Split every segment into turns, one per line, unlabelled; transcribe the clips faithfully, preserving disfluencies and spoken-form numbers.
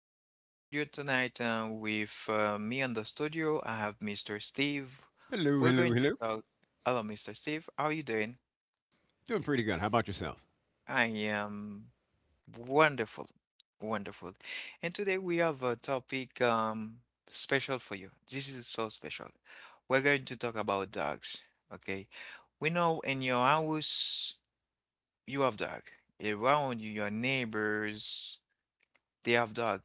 back to our studio tonight. Uh, with uh, me in the studio, I have Mister Steve.
Hello,
We're
hello,
going to
hello.
talk. Hello, Mister Steve. How are you doing?
Doing pretty good. How about yourself?
I am wonderful. Wonderful. And today we have a topic um, special for you. This is so special. We're going to talk about dogs. Okay. We know in your house you have dog. Around you, your neighbors, Day of Dog.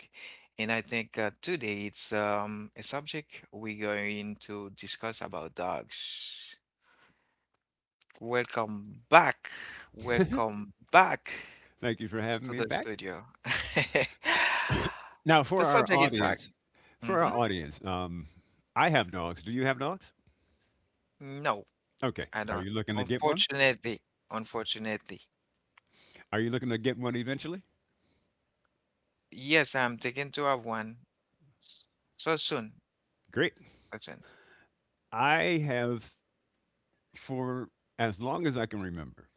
And I think uh, today it's um, a subject we're going to discuss about dogs. Welcome back. Welcome back
Thank you for having
to
me
the
back.
studio.
Now, for
The
our
subject is dark.
audience, for
Hmm
our audience, um, I have dogs. Do you have dogs?
No,
Okay.
I
Are
don't.
you looking to get one?
Unfortunately, unfortunately.
Are you looking to get one eventually?
Yes, I'm taking to have one so soon.
Great.
So soon.
I have for as long as I can remember,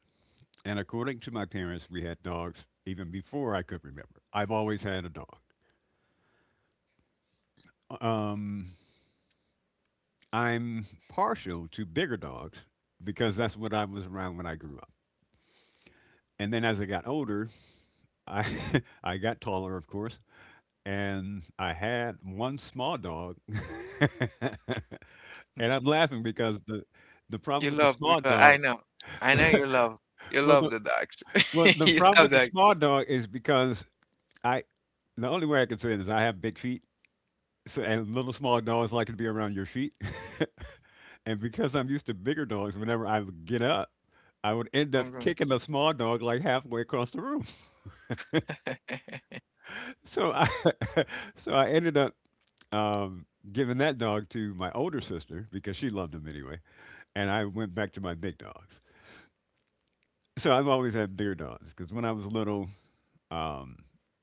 and according to my parents, we had dogs even before I could remember. I've always had a dog. Um, I'm partial to bigger dogs because that's what I was around when I grew up. And then as I got older, I I got taller, of course, and I had one small dog. And I'm laughing because the the
You
problem with the
love, you
small
love, I
dog,
know. I know you love. You
well,
love
the
the dogs.
well, the
You
problem
love
with the small dog is because I the only way I can say it is I have big feet, so and little small dogs like to be around your feet, and because I'm used to bigger dogs, whenever I would get up. I would end up
that.
kicking the small dog like halfway across the room. So I, so I ended up um, giving that dog to my older sister because she loved him anyway, and I went back to my big dogs. So I've always had bigger dogs because when I was little, um,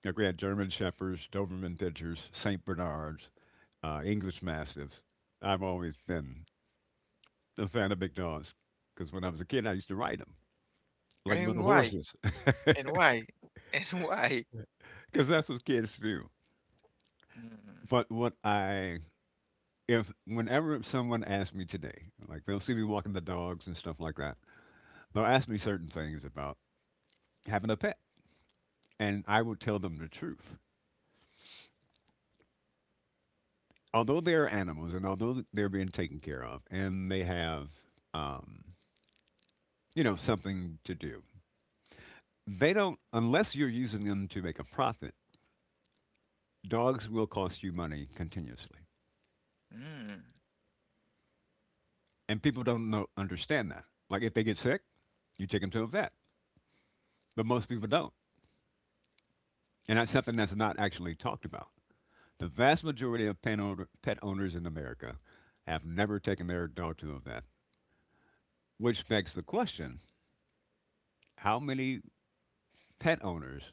like we had German Shepherds, Doberman Pinschers, Saint Bernards, uh, English Mastiffs. I've always been a fan of big dogs because when I was a kid, I used to ride them like
And
little
why?
horses
And why? And why?
because that's what kids do.
Mm,
But what I if whenever someone asks me today, like they'll see me walking the dogs and stuff like that, they'll ask me certain things about having a pet. And I would tell them the truth. Although they're animals and although they're being taken care of and they have, um, you know, something to do, they don't, unless you're using them to make a profit, dogs will cost you money continuously.
mm.
And people don't know, understand that. Like if they get sick, you take them to a vet. But most people don't. And that's something that's not actually talked about. The vast majority of pet, owner, pet owners in America have never taken their dog to a vet, which begs the question how many pet owners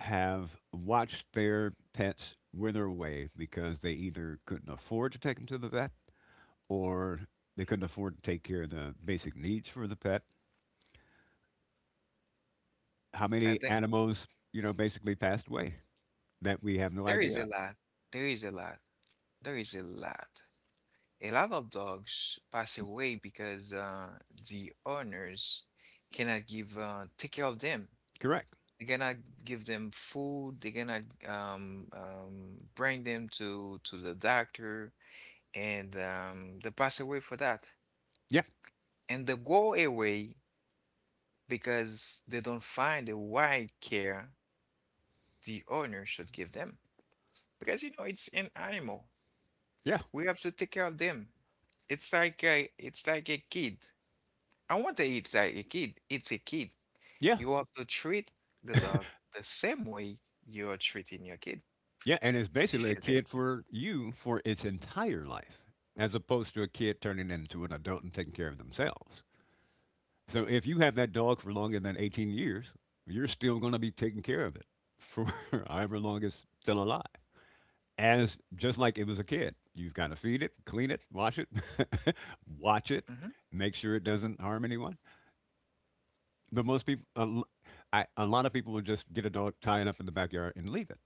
have watched their pets wither away because they either couldn't afford to take them to the vet or they couldn't afford to take care of the basic needs for the pet. How
I
many
think
animals, you know, basically passed away that we have no
there is a
idea?
lot. There is a lot. There is a lot. A lot of dogs pass away because uh, the owners cannot give uh, take care of them.
Correct.
They cannot give them food. They cannot um, um, bring them to to the doctor, and um, they pass away for that.
Yeah.
And they go away because they don't find the right care the owner should give them because you know it's an animal.
Yeah.
We have to take care of them. It's like a, it's like a kid. I want to eat like a kid. It's a kid.
Yeah.
You have to treat the dog the same way you are treating your kid.
Yeah. And it's
This
basically a
is it.
kid for you for its entire life as opposed to a kid turning into an adult and taking care of themselves. So if you have that dog for longer than eighteen years, you're still going to be taking care of it for however long it's still alive. As just like it was a kid, you've got to feed it, clean it, wash it, watch it,
Hmm
make sure it doesn't harm anyone. But most people, a, l- I, a lot of people will just get a dog, tie it up in the backyard, and leave it.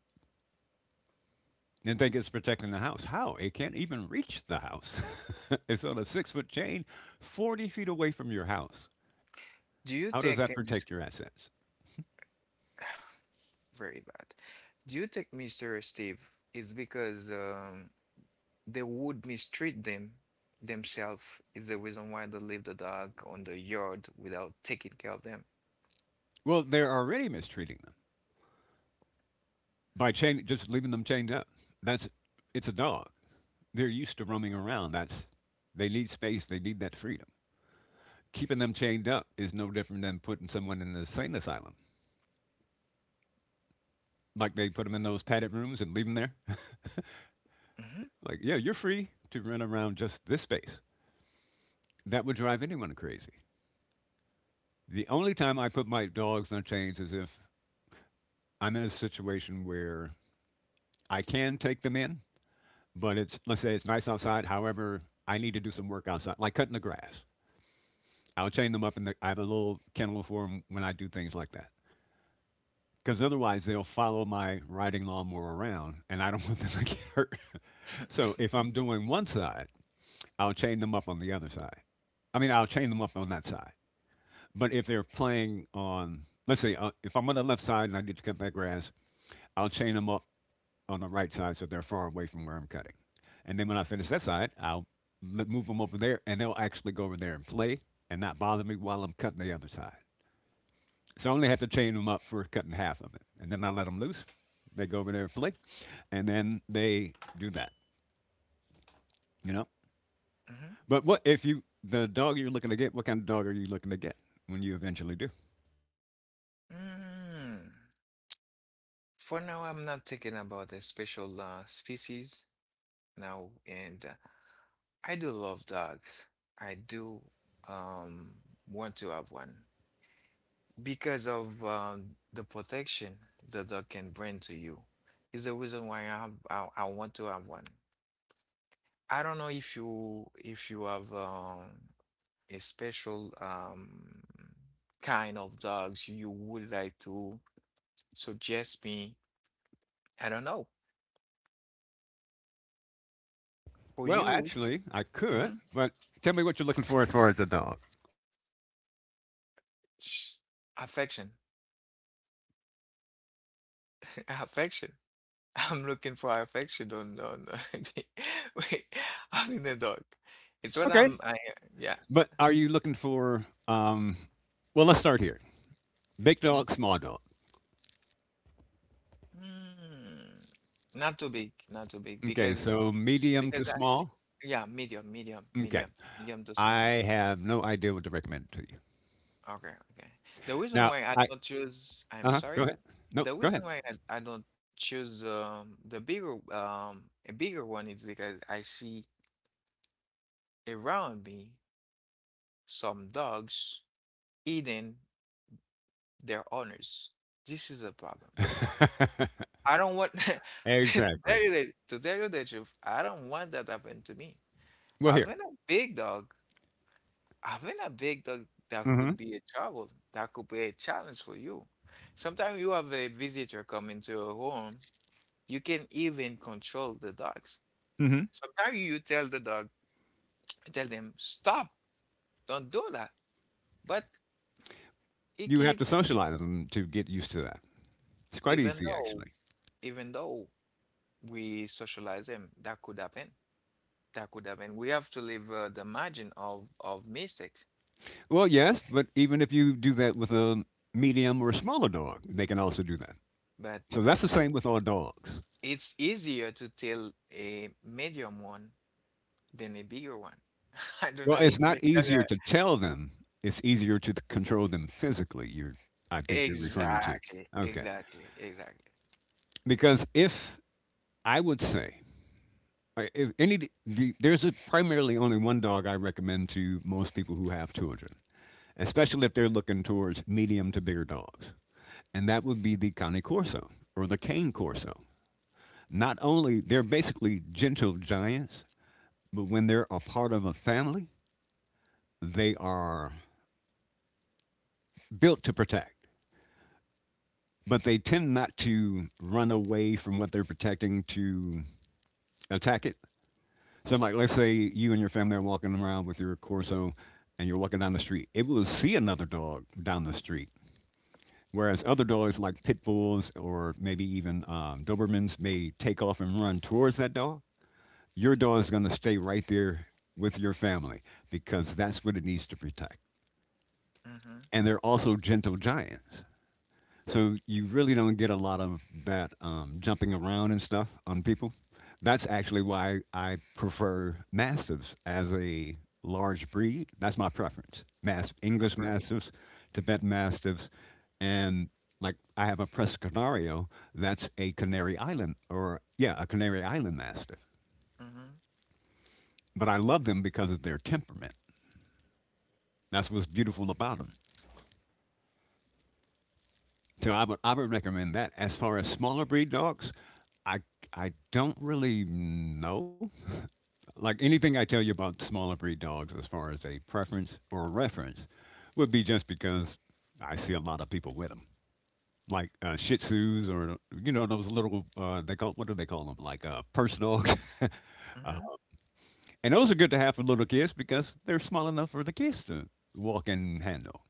And think it's protecting the house. How? It can't even reach the house. It's on a six foot chain forty feet away from your house.
Do you
How does
think
that
in this
protect your assets?
very bad? Do you think Mister Steve it's because um they would mistreat them themselves is the reason why they leave the dog on the yard without taking care of them?
Well, they're already mistreating by chain, just leaving them chained up. That's it's a dog. They're used to roaming around. That's they need space. They need that freedom. Keeping them chained up is no different than putting someone in an insane asylum. Like they put them in those padded rooms and leave them there.
Hmm
Like yeah, you're free to run around just this space. That would drive anyone crazy. The only time I put my dogs on chains is if I'm in a situation where I can take them in, but it's let's say it's nice outside. However, I need to do some work outside, like cutting the grass. I'll chain them up in the. I have a little kennel for them when I do things like that. Because otherwise, they'll follow my riding lawnmower around, and I don't want them to get hurt. So if I'm doing one side, I'll chain them up on the other side. I mean, I'll chain them up on that side. But if they're playing on, let's say, uh, if I'm on the left side and I need to cut that grass, I'll chain them up on the right side so they're far away from where I'm cutting. And then when I finish that side, I'll let, move them over there, and they'll actually go over there and play and not bother me while I'm cutting the other side. So I only had to chain them up for cutting half of it, and then I let them loose. They go over there and play, and then they do that. You know.
hmm
But what if you the dog you're looking to get? What kind of dog are you looking to get when you eventually do?
Mm. For now, I'm not thinking about a special uh, species now, and uh, I do love dogs. I do um want to have one because of um the protection the dog can bring to you. Is the reason why I have, I, I want to have one. I don't know if you if you have um a special um kind of dogs you would like to suggest me. I don't know. For
Well,
you,
actually, I could,
mhm,
but tell me what you're looking for as far as a dog.
sh- affection, affection. I'm looking for affection on no. No. Wait, I'm in the dog. It's what
Okay.
I'm I Yeah.
But are you looking for? Um, well, let's start here. Big
Mhm.
dog, small dog.
Mm, not too big, not too big
Okay,
because
so medium to
because I see,
small.
yeah, medium, medium,
Okay,
medium, medium to small.
I have no idea what to recommend to you.
Okay, okay. The reason
Now,
why I
I
don't choose,
uh
I'm
huh. Go
sorry.
ahead. No,
The
go ahead.
reason why I, I don't choose um the bigger um a bigger one is because I see around me some dogs eating their owners. This is a problem. I don't want to tell
Exactly.
you the, to tell you the truth. I don't want that happen to me.
Well, here.
Having a big dog, having a big dog that could
Mhm.
be a trouble, that could be a challenge for you. Sometimes you have a visitor come into your home, you can even control the dogs.
Mhm.
Sometimes you tell the dog, tell them, stop, don't do that. But it
You have
keep,
to
it-
socialize them to get used to that. It's quite
even
easy,
though,
actually.
even though we socialize them, that could happen. That could happen. We have to leave uh, the margin of of mistakes,
Well, yes, but even if you do that with a medium or a smaller dog, they can also do that.
but
So that's the
it,
same with all dogs.
it's easier to tell a medium one than a bigger one. I don't
Well,
know
it's
if you
not
get
easier
that.
to tell them. It's easier to control them physically, you're I think you're referring to.
Exactly,
Okay.
exactly, exactly.
Because if I would say, I if any d the there's a primarily only one dog I recommend to most people who have children. Especially if they're looking towards medium to bigger dogs. And that would be the Cane Corso or the Cane Corso. Not only they're basically gentle giants, but when they're a part of a family, they are built to protect. But they tend not to run away from what they're protecting to attack it. So, like, let's say you and your family are walking around with your Corso and you're walking down the street. It will see another dog down the street. Whereas other dogs, like pit bulls or maybe even um, Dobermans, may take off and run towards that dog. Your dog is going to stay right there with your family because that's what it needs to protect.
Mm-hmm.
And they're also gentle giants. So you really don't get a lot of that um, jumping around and stuff on people. That's actually why I prefer mastiffs as a large breed. That's my preference. Mas-
You're
English
perfect.
mastiffs, Tibet mastiffs, and like I have a Prescanario. That's a Canary Island, or yeah, a Canary Island mastiff.
Mm-hmm.
But I love them because of their temperament. That's what's beautiful about them. So I would I would recommend that. As far as smaller breed dogs, I I don't really know. Like anything I tell you about smaller breed dogs, as far as a preference or a reference, would be just because I see a lot of people with them, like uh, Shih Tzus or you know those little uh, they call what do they call them like uh, purse dogs,
Mm-hmm.
and those are good to have for little kids because they're small enough for the kids to walk and handle.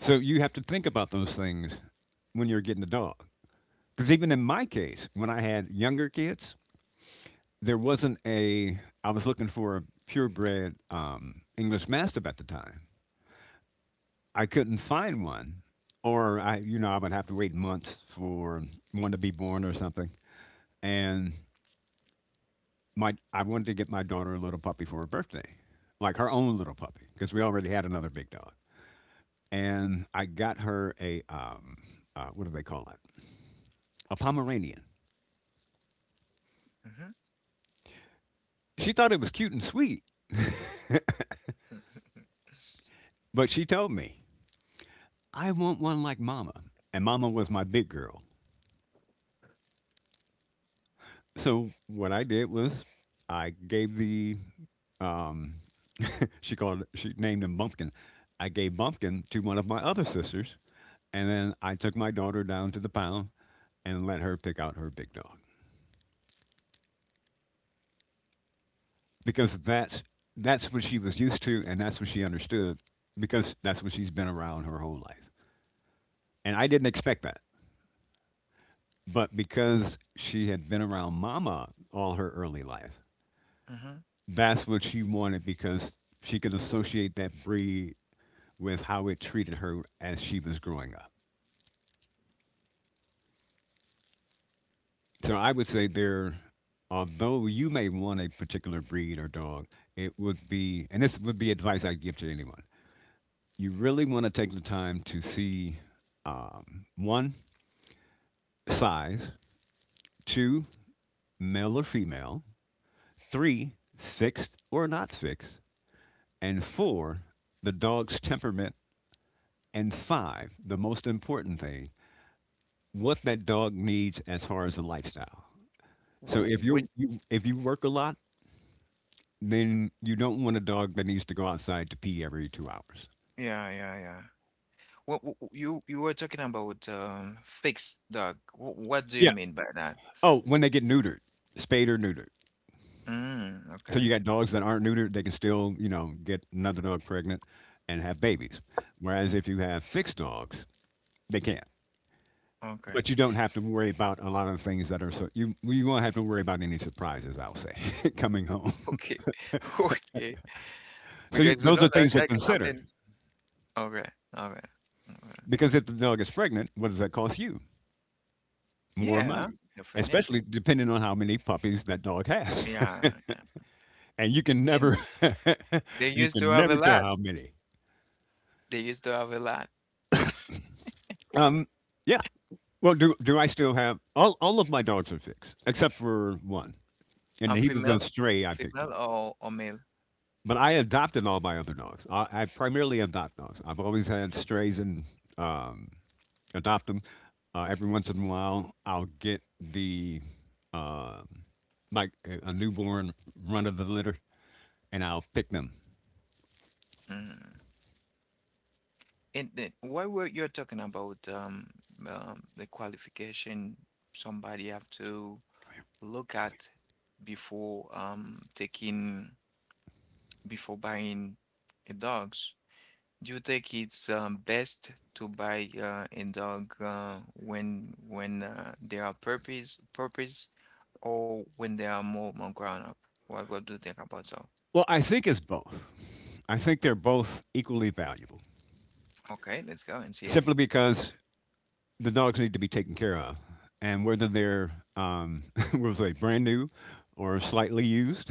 So you have to think about those things when you're getting a dog. Because even in my case, when I had younger kids, there wasn't a. I was looking for a purebred um, English Mastiff at the time. I couldn't find one, or I, you know, I would have to wait months for one to be born or something. And my, I wanted to get my daughter a little puppy for her birthday, like her own little puppy, because we already had another big dog. And I got her a, um, uh, what do they call it? A Pomeranian. She thought it was cute and sweet,
Mm-hmm.
but she told me I want one like Mama. And Mama was my big girl. So what I did was I gave the um, she called she named him Bumpkin. I gave Bumpkin to one of my other sisters, and then I took my daughter down to the pound and let her pick out her big dog because that's that's what she was used to and that's what she understood because that's what she's been around her whole life. And I didn't expect that, but because she had been around Mama all her early life,
Mm-hmm.
that's what she wanted because she could associate that breed with how it treated her as she was growing up. So I would say there, although you may want a particular breed or dog, it would be, and this would be advice I'd give to anyone. You really want to take the time to see um, one, size, two, male or female, three, fixed or not fixed, and four, the dog's temperament, and five, the most important thing, what that dog needs as far as a lifestyle.
W-
So
w-
if you're,
When,
you if you work a lot, then you don't want a dog that needs to go outside to pee every two hours.
yeah, yeah, yeah. Wh- wh- wh- you you were talking about um fixed dog. Wh- what do you
Yeah.
mean by that?
Oh, when they get neutered, spayed or neutered.
Mm,
So
okay,
you got dogs that aren't neutered, they can still, you know, get another dog pregnant and have babies. Whereas if you have fixed dogs, they can't.
okay.
But you don't have to worry about a lot of things that are so you you won't have to worry about any surprises. I'll say coming home.
Okay. Okay.
So you,
Because you
those
know
are
that
things to
that can
consider,
happen. Okay. Okay. Okay.
because if the dog is pregnant, what does that cost you? More
Yeah,
money,
definitely.
especially depending on how many puppies that dog has.
Yeah, yeah.
and you can
And
never,
they
you
used to
can
have a
never tell
lot.
how many.
They used to have a lot.
Um, yeah. Well, do do I still have all? All of my dogs are fixed except for one, and
A
he was
female,
a stray I picked up.
female or, or male.
But I adopted all my other dogs. I, I primarily adopt dogs. I've always had strays and um, adopt them. Uh, every once in a while, I'll get the um like a a newborn, run of the litter, and I'll pick them.
Mm. And then why were you talking about um, um the qualification somebody have to look at before um taking before buying a dogs? Do you think it's um, best to buy uh, a dog uh, when when uh, they are puppies, puppies, or when they are more, more grown up? What what do you think about so?
Well, I think it's both. I think they're both equally valuable,
Okay, let's go and see it.
simply because the dogs need to be taken care of, and whether they're um, we'll say brand new or slightly used,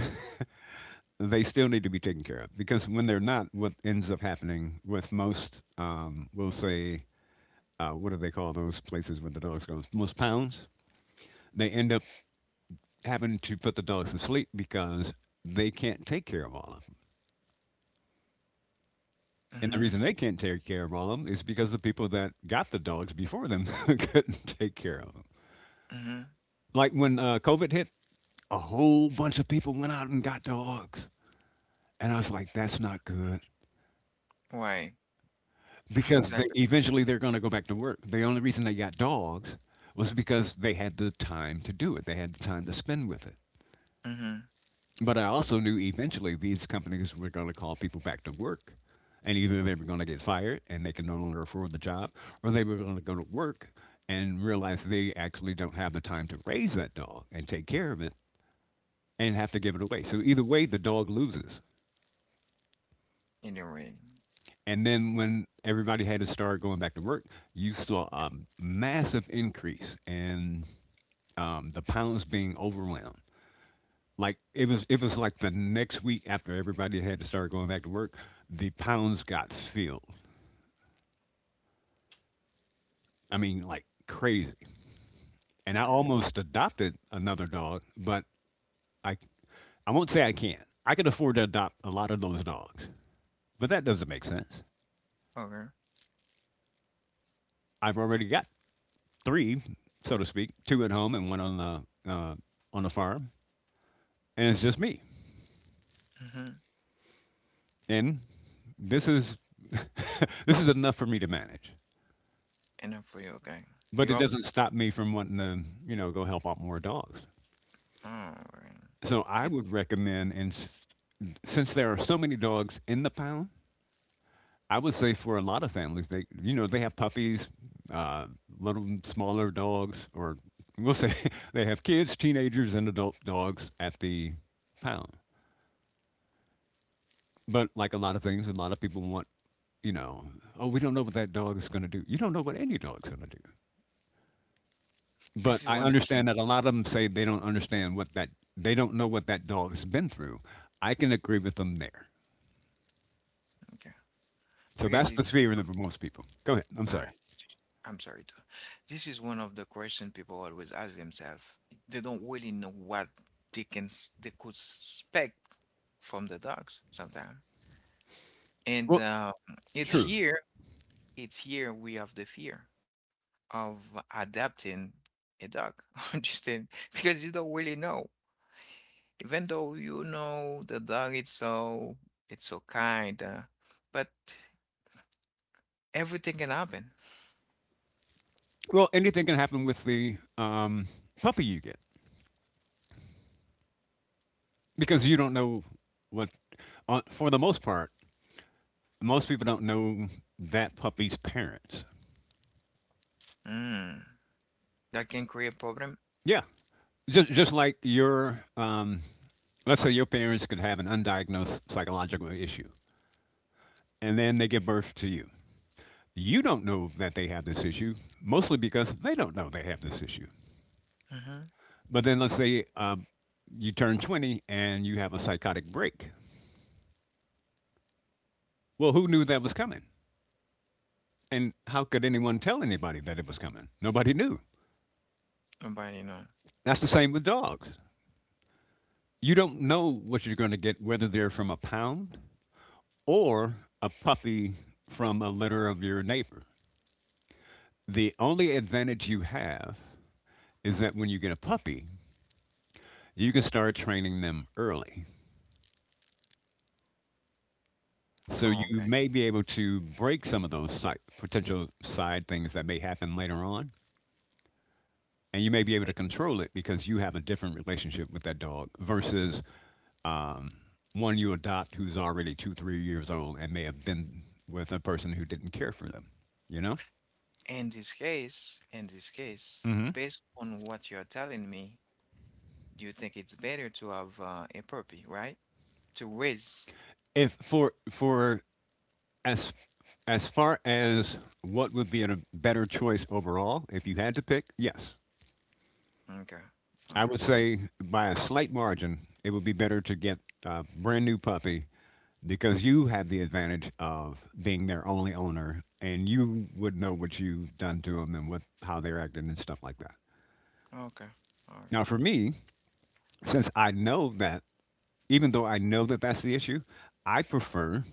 they still need to be taken care of. Because when they're not, what ends up happening with most, um, we'll say, uh, what do they call those places where the dogs go? Most pounds. They end up having to put the dogs to sleep because they can't take care of all of them. And the reason
Mm-hmm.
they can't take care of all of 'em is because the people that got the dogs before them couldn't take care of them.
Mm-hmm.
Like when uh, COVID hit, a whole bunch of people went out and got dogs, and I was like, "That's not good,"
Why?
because they
Exactly.
eventually they're going to go back to work. The only reason they got dogs was because they had the time to do it. They had the time to spend with it.
Mm-hmm.
But I also knew eventually these companies were going to call people back to work. And either they were going to get fired and they can no longer afford the job, or they were going to go to work and realize they actually don't have the time to raise that dog and take care of it and have to give it away. So either way, the dog loses.
Anyway,
And then when everybody had to start going back to work, you saw a massive increase in um, the pounds being overwhelmed. Like it was it was like the next week after everybody had to start going back to work, the pounds got filled, I mean, like, crazy. And I
crazy.
almost adopted another dog, but i i won't say I can't, I can afford to adopt a lot of those dogs, but that doesn't make sense.
Okay.
I've already got three, so to speak, two at home and one on the uh, on the farm and it's just me,
Mm-hmm.
and this is this is enough for me to manage.
Enough for you. Okay. You
But it
have.
doesn't stop me from wanting to, you know, go help out more dogs.
Oh, okay.
So I
It's
would recommend, and s- since there are so many dogs in the pound, I would say for a lot of families, they, you know, they have puppies, uh, little smaller dogs, or we'll say they have kids, teenagers, and adult dogs at the pound. But like a lot of things, a lot of people want, you know, oh, we don't know what that dog is going to do. You don't know what any dog's going to do.
this
But
is
I
one question.
understand that a lot of them say they don't understand what that they don't know what that dog has been through. I can agree with them there.
Okay,
So
because
that's the
it's
fear of the- most people. Go ahead. I'm
Uh,
sorry.
I'm sorry to. This is one of the questions people always ask themselves. They don't really know what they can s- they could expect from the dogs sometimes. And
Well,
uh, it's
true.
here, it's here we have the fear of adapting a dog. Understand? Because you don't really know. Even though you know the dog it's so it's so kind, uh, but everything can happen.
Well, anything can happen with the um, puppy you get because you don't know what. Uh, for the most part, most people don't know that puppy's parents.
Mm, that can create problem.
Yeah, just just like your um, let's say your parents could have an undiagnosed psychological issue, and then they give birth to you. You don't know that they have this issue, mostly because they don't know they have this issue.
Mm-hmm.
But then let's say um, you turn twenty and you have a psychotic break. Well, who knew that was coming? And how could anyone tell anybody that it was coming? Nobody knew.
Nobody know.
That's the same with dogs. You don't know what you're going to get, whether they're from a pound or a puppy from a litter of your neighbor. The only advantage you have is that when you get a puppy, you can start training them early. So
Oh,
you
okay.
may be able to break some of those side, potential side things that may happen later on, and you may be able to
I-
control it because you have a different relationship with that dog versus um, one you adopt who's already two, three years old and may have been with a person who didn't care for them. You know,
In this case, in this case, based on what you're telling me, do you think it's better to have uh, a puppy, right? To raise.
if for for as as far as what would be a better choice overall, if you had to pick, yes,
Okay.
I would
Okay.
say by a slight margin, it would be better to get a brand new puppy because you have the advantage of being their only owner and you would know what you've done to them and what how they're acting and stuff like that.
Okay. Okay.
Now for me, since I know that, even though I know that, that's the issue, I prefer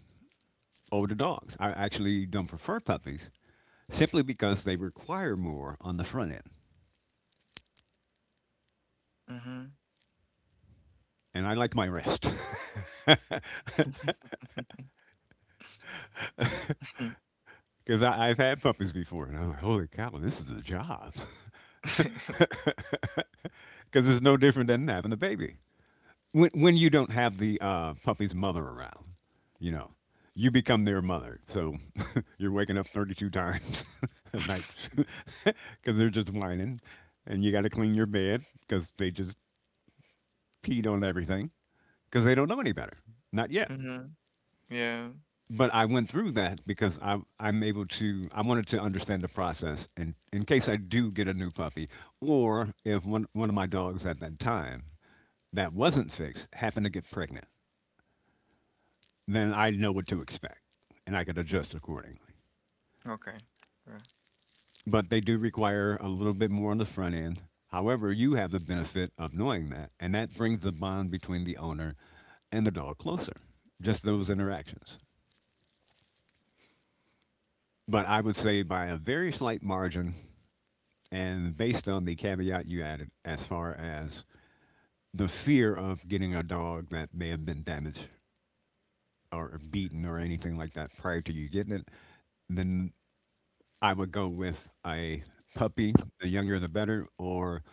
older dogs. I actually don't prefer puppies simply because they require more on the front end,
Mm-hmm.
and I like my rest. Because I've had puppies before, and I was like, holy cow, this is a job. Because it's no different than having a baby. When, when you don't have the uh, puppy's mother around, you know, you become their mother. So you're waking up thirty-two times at night because they're just whining, and you got to clean your bed because they just peed on everything because they don't know any better. Not yet.
Mm-hmm. Yeah.
But I went through that because I, I'm able to, I wanted to understand the process in, in case I do get a new puppy, or if one, one of my dogs at that time that wasn't fixed happened to get pregnant, then I know what to expect and I could adjust accordingly.
Okay. Yeah.
But they do require a little bit more on the front end. However, you have the benefit of knowing that, and that brings the bond between the owner and the dog closer, just those interactions. But I would say by a very slight margin, and based on the caveat you added, as far as the fear of getting a dog that may have been damaged or beaten
Mhm.
or anything like that prior to you getting it, then I would go with a puppy, the younger the better, or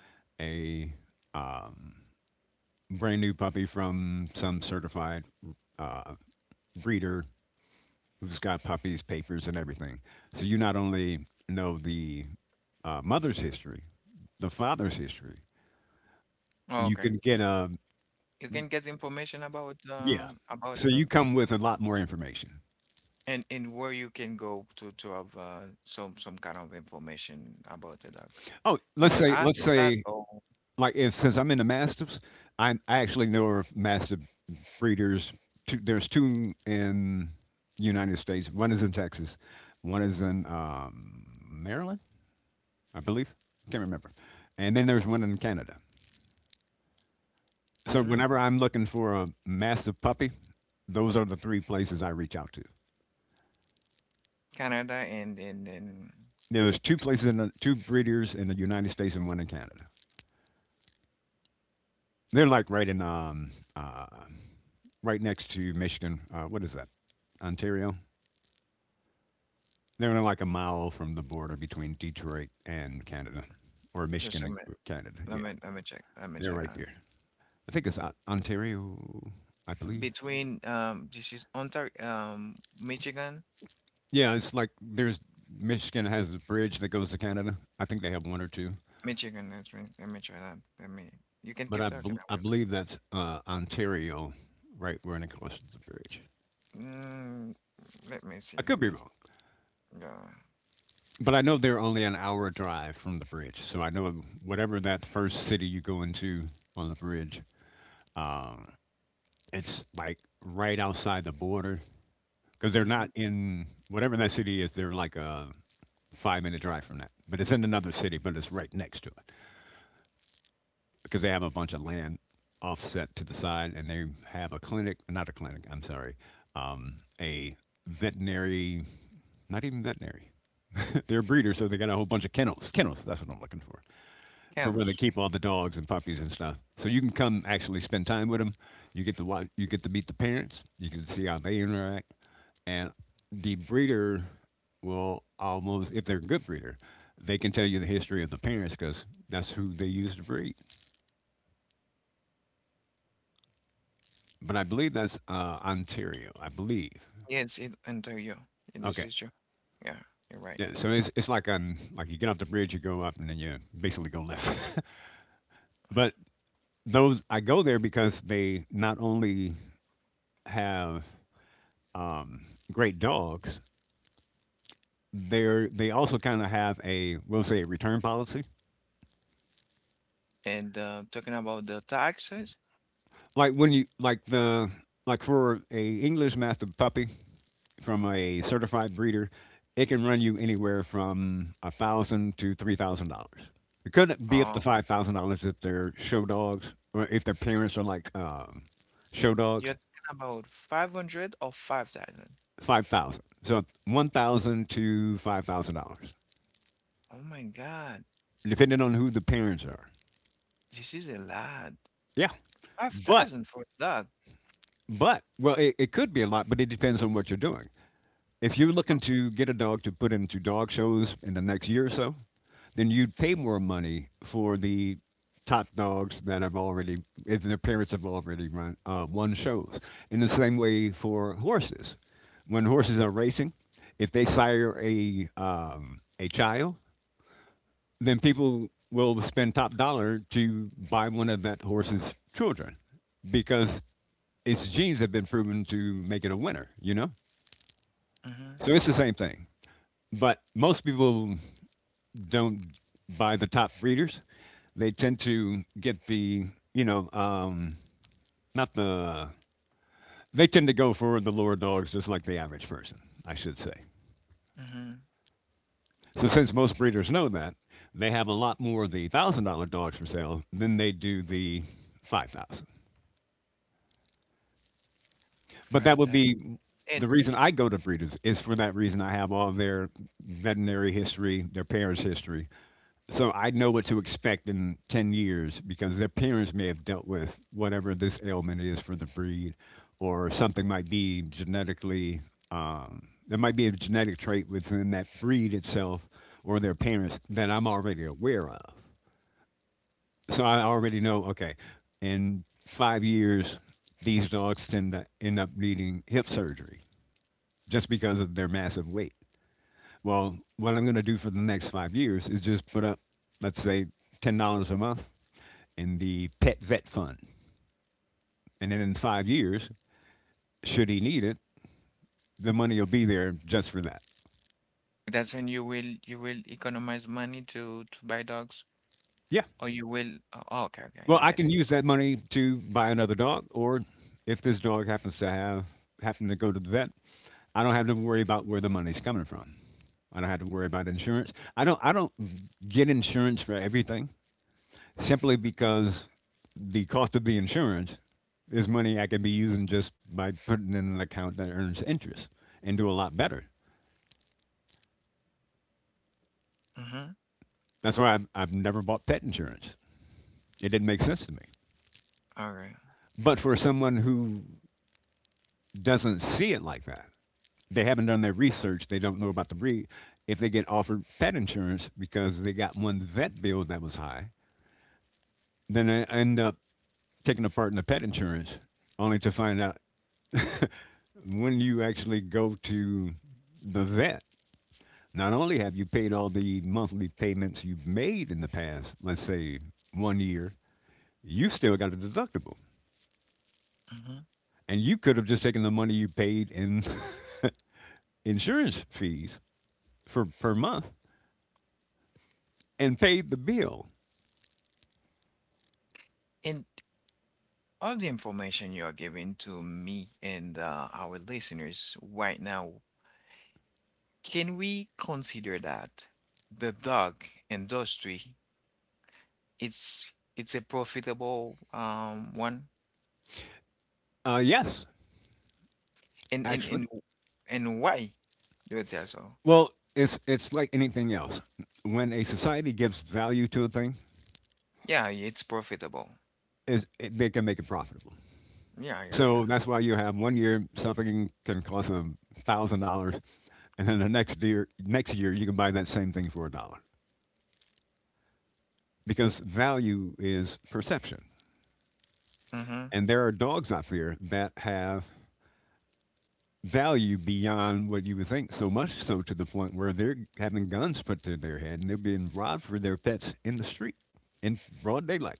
a um, brand new puppy from some certified uh, breeder who's got puppies, papers, and everything. So you not only know the uh, mother's history, the father's history, you
Okay.
can get a—
You can get information about
Yeah.
uh, about
So
the
you
dog
come with a lot more information.
and and where you can go to to have uh, some some kind of information about the dog.
Oh,
You
let's
would
say
ask
let's yeah,
that
say
or
like if since I'm into mastiffs, i I actually know of mastiff breeders. Two, there's two in the United States. One is in Texas. One is in um, Maryland, I believe. Can't remember. And then there's one in Canada. So
mhm,
whenever I'm looking for a mastiff puppy, those are the three places I reach out to.
Canada and and and
There's two places in the, two breeders in the United States and one in Canada. They're like right in um uh right next to Michigan. Uh, what is that? Ontario. They're in like a mile from the border between Detroit and Canada, or
just
Michigan
a
and
minute.
Canada.
Let
Yeah,
me let me check. Let me
they're
check
right
that.
there. I think it's O- Ontario, I believe.
Between um this is Ontario um Michigan.
Yeah, it's like there's Michigan has a bridge that goes to Canada. I think they have one or two,
Michigan, let me let me try that. Let me you can
but I
keep talking.
bel
I
I believe that's uh, Ontario, right when it crosses the bridge.
will. Mm, let me see.
I could
Let
be
me
wrong.
yeah.
But I know they're only an hour drive from the bridge, so I know whatever that first city you go into on the bridge, um, it's like right outside the border because they're
Mm-hmm.
not in whatever that city is. They're like a five minute drive from that, but it's in another city, but it's right next to it because they have a bunch of land offset to the side, and they have a clinic, not a clinic. I'm sorry, um, a veterinary, not even veterinary. They're breeders, so they got a whole bunch of kennels. Kennels, that's what I'm looking for. for where they
Kansas.
keep all the dogs and puppies and stuff. So you can come actually spend time with them. You get to watch, you get to meet the parents. You can see how they interact, and the breeder will almost, if they're a good breeder, they can tell you the history of the parents because that's who they used to breed. But I believe that's uh, Ontario. I believe.
Yes, it Ontario. And this
Okay.
is true. Yeah, you're right.
Yeah, so it's, it's like on like you get off the bridge, you go up, and then you basically go left. But those, I go there because they not only have um, great dogs, they're they also kind of have a, we'll say, a return policy.
And uh talking about the taxes,
Like when you like the like for a English Mastiff puppy from a certified breeder, it can run you anywhere from a thousand to three thousand dollars. It could be
uh
up to five thousand dollars if they're show dogs or if their parents are like um, show
you're talking
dogs.
about five hundred or five thousand.
Five thousand, so one thousand to five thousand dollars,
Oh my God.
depending on who the parents are.
This is a lot.
Yeah, but
five thousand for that.
But well, it, it could be a lot, but it depends on what you're doing. If you're looking to get a dog to put into dog shows in the next year or so, then you'd pay more money for the top dogs that have already, if their parents have already run, uh, won shows. In the same way for horses, when horses are racing, if they sire a um, a child, then people will spend top dollar to buy one of that horse's children because its genes have been proven to make it a winner, you know?
Mm-hmm.
So it's the same thing. But most people don't buy the top breeders. They tend to get the, you know, um, not the, they tend to go for the lower dogs just like the average person, I should say.
Mm-hmm.
So since most breeders know that, they have a lot more of the a thousand dollar dogs for sale than they do the five thousand. But that would
five thousand.
be
And
the reason I go to breeders is for that reason. I have all their veterinary history, their parents' history, so I know what to expect in ten years because their parents may have dealt with whatever this ailment is for the breed, or something might be genetically. Um, there might be a genetic trait within that breed itself or their parents that I'm already aware of, so I already know. Okay, in five years, these dogs tend to end up needing hip surgery just because of their massive weight. Well, what I'm going to do for the next five years is just put up, let's say, ten dollars a month in the pet vet fund, and then in five years, should he need it, the money will be there just for that.
that's when you will you will economize money to to buy dogs
Yeah,
or you will oh, okay, okay,
well,
I
I
get
can
it.
use that money to buy another dog, or if this dog happens to have happen to go to the vet, I don't have to worry about where the money's coming from. I don't have to worry about insurance. I don't I don't get insurance for everything simply because the cost of the insurance is money I could be using just by putting in an account that earns interest and do a lot better.
Mm-hmm.
That's why I've, I've never bought pet insurance. It didn't make sense to me.
All right.
But for someone who doesn't see it like that. They haven't done their research. They don't know about the breed. If they get offered pet insurance because they got one vet bill that was high, then they end up taking a part in the pet insurance, only to find out when you actually go to the vet. Not only have you paid all the monthly payments you've made in the past, let's say one year, you still got a deductible.
Mm-hmm.
And you could have just taken the money you paid in insurance fees for per month and paid the bill.
And all the information you are giving to me and uh, our listeners right now, can we consider that the dog industry it's it's a profitable um one?
Uh, yes,
And and
actually.
and and why do it as well?
Well, it's it's like anything else. When a society gives value to a thing,
Yeah, it's profitable.
is it, they can make it profitable.
Yeah, yeah, yeah.
So that's why you have one year something can cost a thousand dollars, and then the next year next year you can buy that same thing for a dollar because value is perception.
Mm-hmm.
And there are dogs out there that have value beyond what you would think. So much so to the point where they're having guns put to their head and they're being robbed for their pets in the street in broad daylight.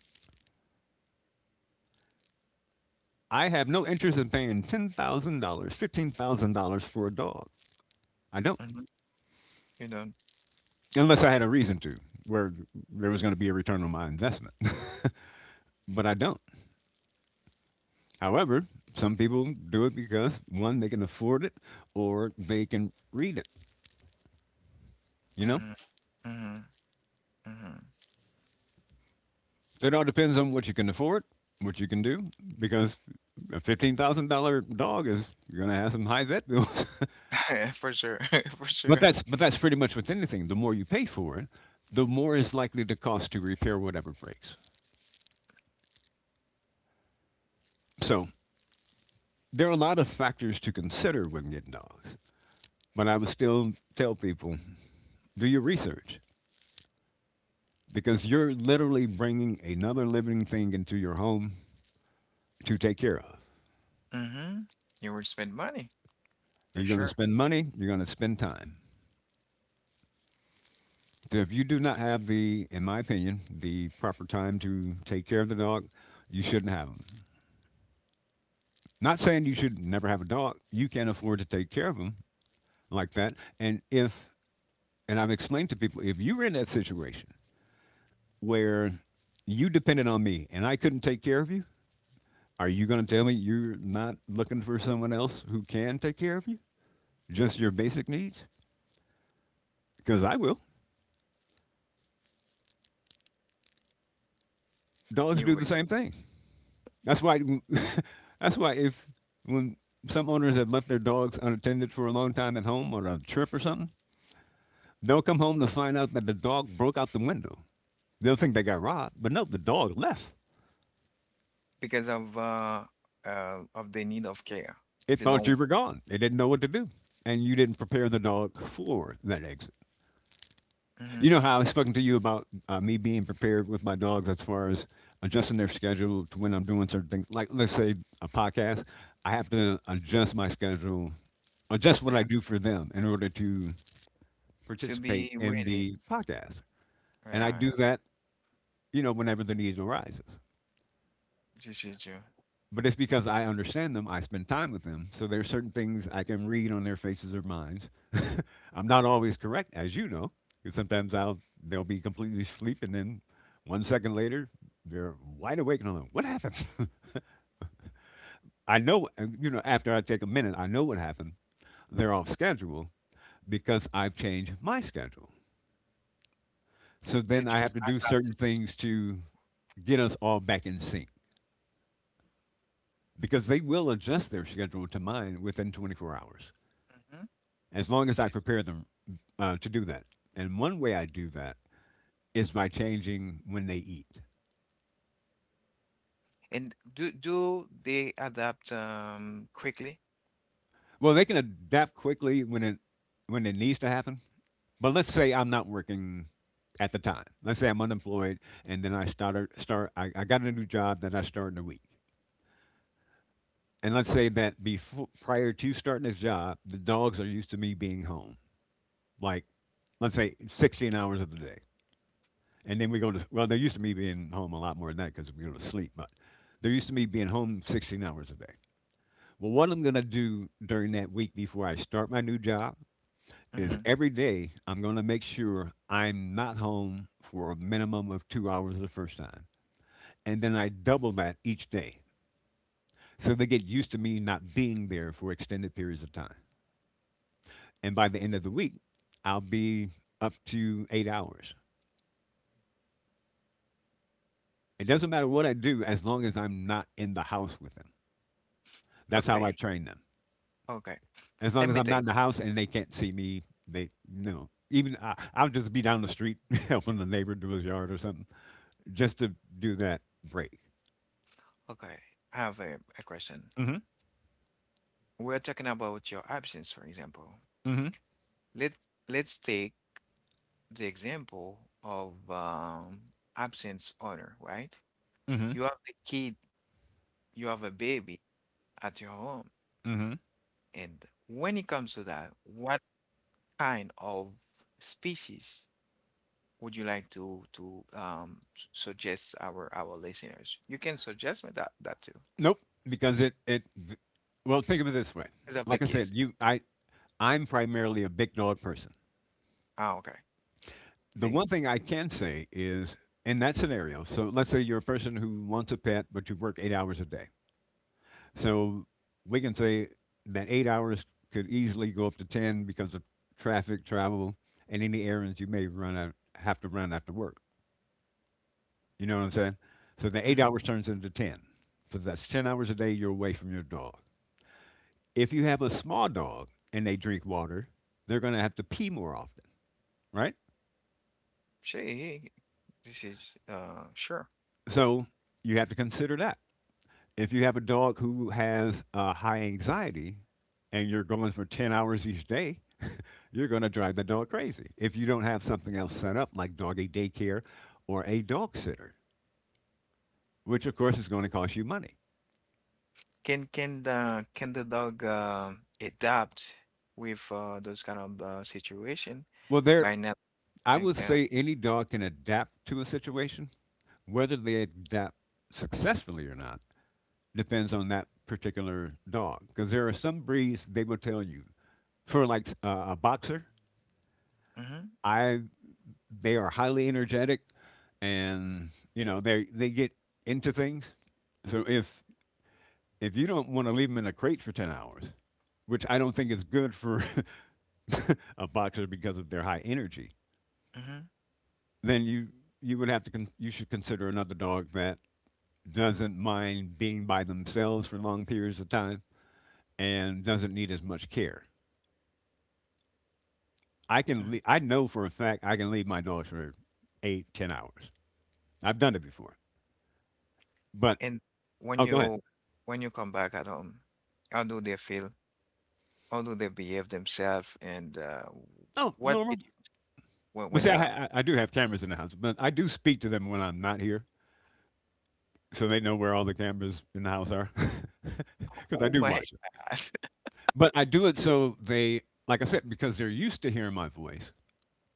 I have no interest in paying ten thousand dollars, fifteen thousand dollars for a dog. I don't,
Mm-hmm. You don't.
unless I had a reason to, where there was going to be a return on my investment. But I don't. However, some people do it because one, they can afford it, or they can read it. You know,
Mm-hmm. Mm-hmm.
it all depends on what you can afford, what you can do, because a fifteen thousand dollar dog is going to have some high vet bills.
Mm-hmm. For sure. For
But
sure.
that's but that's pretty much with anything. The more you pay for it, the more is likely to cost to repair whatever breaks. So there are a lot of factors to consider when getting dogs. But I would still tell people, do your research because you're literally bringing another living thing into your home to take care of.
Mm-hmm. You would spend money for
You're going to
sure.
spend money. You're going to spend time. So if you do not have the, in my opinion, the proper time to take care of the dog, you shouldn't have them. Not saying you should never have a dog. You can afford to take care of them like that. And if, and I've explained to people, if you were in that situation where you depended on me and I couldn't take care of you, are you going to tell me you're not looking for someone else who can take care of you? Just your basic needs? Because I will. Dogs
You
do
would
the same thing. That's why. That's why if when some owners have left their dogs unattended for a long time at home or a trip or something, they'll come home to find out that the dog broke out the window. They'll think they got robbed, but no, the dog left.
because of uh uh of the need of care.
It
They don't.
thought you were gone. It didn't know what to do, and you didn't prepare the dog for that exit. You
Mm-hmm.
know how I was speaking to you about uh, me being prepared with my dogs as far as adjusting their schedule to when I'm doing certain things. Like, let's say a podcast, I have to adjust my schedule, adjust what
Yeah.
I do for them in order to
To be
participate in
ready.
the podcast.
Yeah,
And I
yeah.
do that, you know, whenever the need arises.
This is true.
But it's because I understand them. I spend time with them. So there are certain things I can read on their faces or minds. I'm not always correct, as you know, because sometimes I'll they'll be completely asleep, and then one second later they're wide awake and I'm like, "What happened?" I know, and, you know, after I take a minute, I know what happened. They're off schedule because I've changed my schedule. So
They
then I
just
have to do
adapt.
certain things to get us all back in sync because they will adjust their schedule to mine within twenty-four hours,
Mm-hmm.
as long as I prepare them uh, to do that. And one way I do that is by changing when they eat.
And do do they adapt um quickly?
Well, they can adapt quickly when it when it needs to happen. But let's say I'm not working at the time. Let's say I'm unemployed, and then I started start. I, I got a new job that I start in a week. And let's say that before prior to starting this job, the dogs are used to me being home, like let's say sixteen hours of the day. And then we go to, well, they're used to me being home a lot more than that because we go to sleep, but they're used to me being home sixteen hours a day. Well, what I'm going to do during that week before I start my new job is
Mm-hmm.
every day I'm going to make sure I'm not home for a minimum of two hours the first time. And then I double that each day. So they get used to me not being there for extended periods of time. And by the end of the week, I'll be up to eight hours. It doesn't matter what I do as long as I'm not in the house with them. That's how I
Okay,
train them.
okay.
As
Let
long as
me
I'm
take.
not in the house and they can't see me, they no. Even I, I'll just be down the street helping the neighbor do his yard or something, just to do that break.
Okay, I have a, a question.
Hmm.
We're talking about your absence, for example. Let Let's take the example of um, absence owner, right? You have a kid, you have a baby at your home,
Hmm.
and when it comes to that, what kind of species would you like to to um, s- suggest our our listeners? You can suggest me that that too,
Nope, because it it. Well, think of it this way.
because of
Like
the
I said,
kids.
you I I'm primarily a big dog person.
Ah, okay,
The
big.
one thing I can say is in that scenario. So let's say you're a person who wants a pet, but you work eight hours a day. So we can say that eight hours could easily go up to ten because of traffic, travel, and any errands you may run out, have to run after work. You know what I'm saying? So the eight
Mm-hmm.
hours turns into ten. So that's ten hours a day you're away from your dog. If you have a small dog and they drink water, they're going to have to pee more often, right?
She, this is uh sure.
So you have to consider that. If you have a dog who has uh, high anxiety and you're going for ten hours each day, you're going to drive the dog crazy if you don't have something else set up like doggy daycare or a dog sitter, which of course is going to cost you money.
Can can the can the dog uh, adapt with uh, those kind of uh, situation
Well, there,
by not
I
and
would
uh,
say any dog can adapt to a situation. Whether they adapt successfully or not depends on that particular dog. Because there are some breeds they will tell you, for like uh, a boxer,
mm-hmm,
I they are highly energetic, and you know they they get into things. So if if you don't want to leave them in a crate for ten hours, which I don't think is good for a boxer because of their high energy,
mm-hmm,
then you, you would have to, con- you should consider another dog that doesn't mind being by themselves for long periods of time and doesn't need as much care. I can,
hmm
le- I know for a fact I can leave my dogs for eight, ten hours. I've done it before. But,
And when
oh, go ahead.
you when you come back at home, how do they feel? How do they behave themselves? And uh,
Oh,
what
normal.
did you when,
But
when
see,
that happened?
I, I, I do have cameras in the house, but I do speak to them when I'm not here. So they know where all the cameras in the house are because I
Oh
do
my
watch it,
God.
but I do it so they, like I said, because they're used to hearing my voice,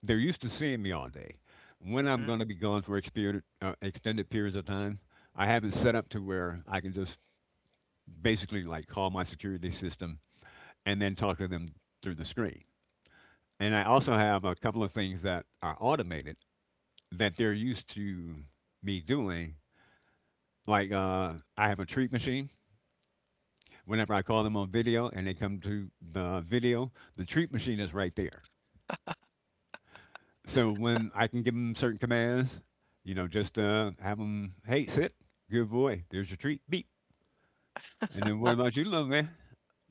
they're used to seeing me all day. When I'm going to be gone for exper- uh, extended periods of time, I have it set up to where I can just basically like call my security system and then talk to them through the screen. And I also have a couple of things that are automated that they're used to me doing, like uh, I have a treat machine. Whenever I call them on video and they come to the video, the treat machine is right there. So when I can give them certain commands, you know, just uh, have them, hey, sit, good boy, there's your treat, beep. And then what about you, little man?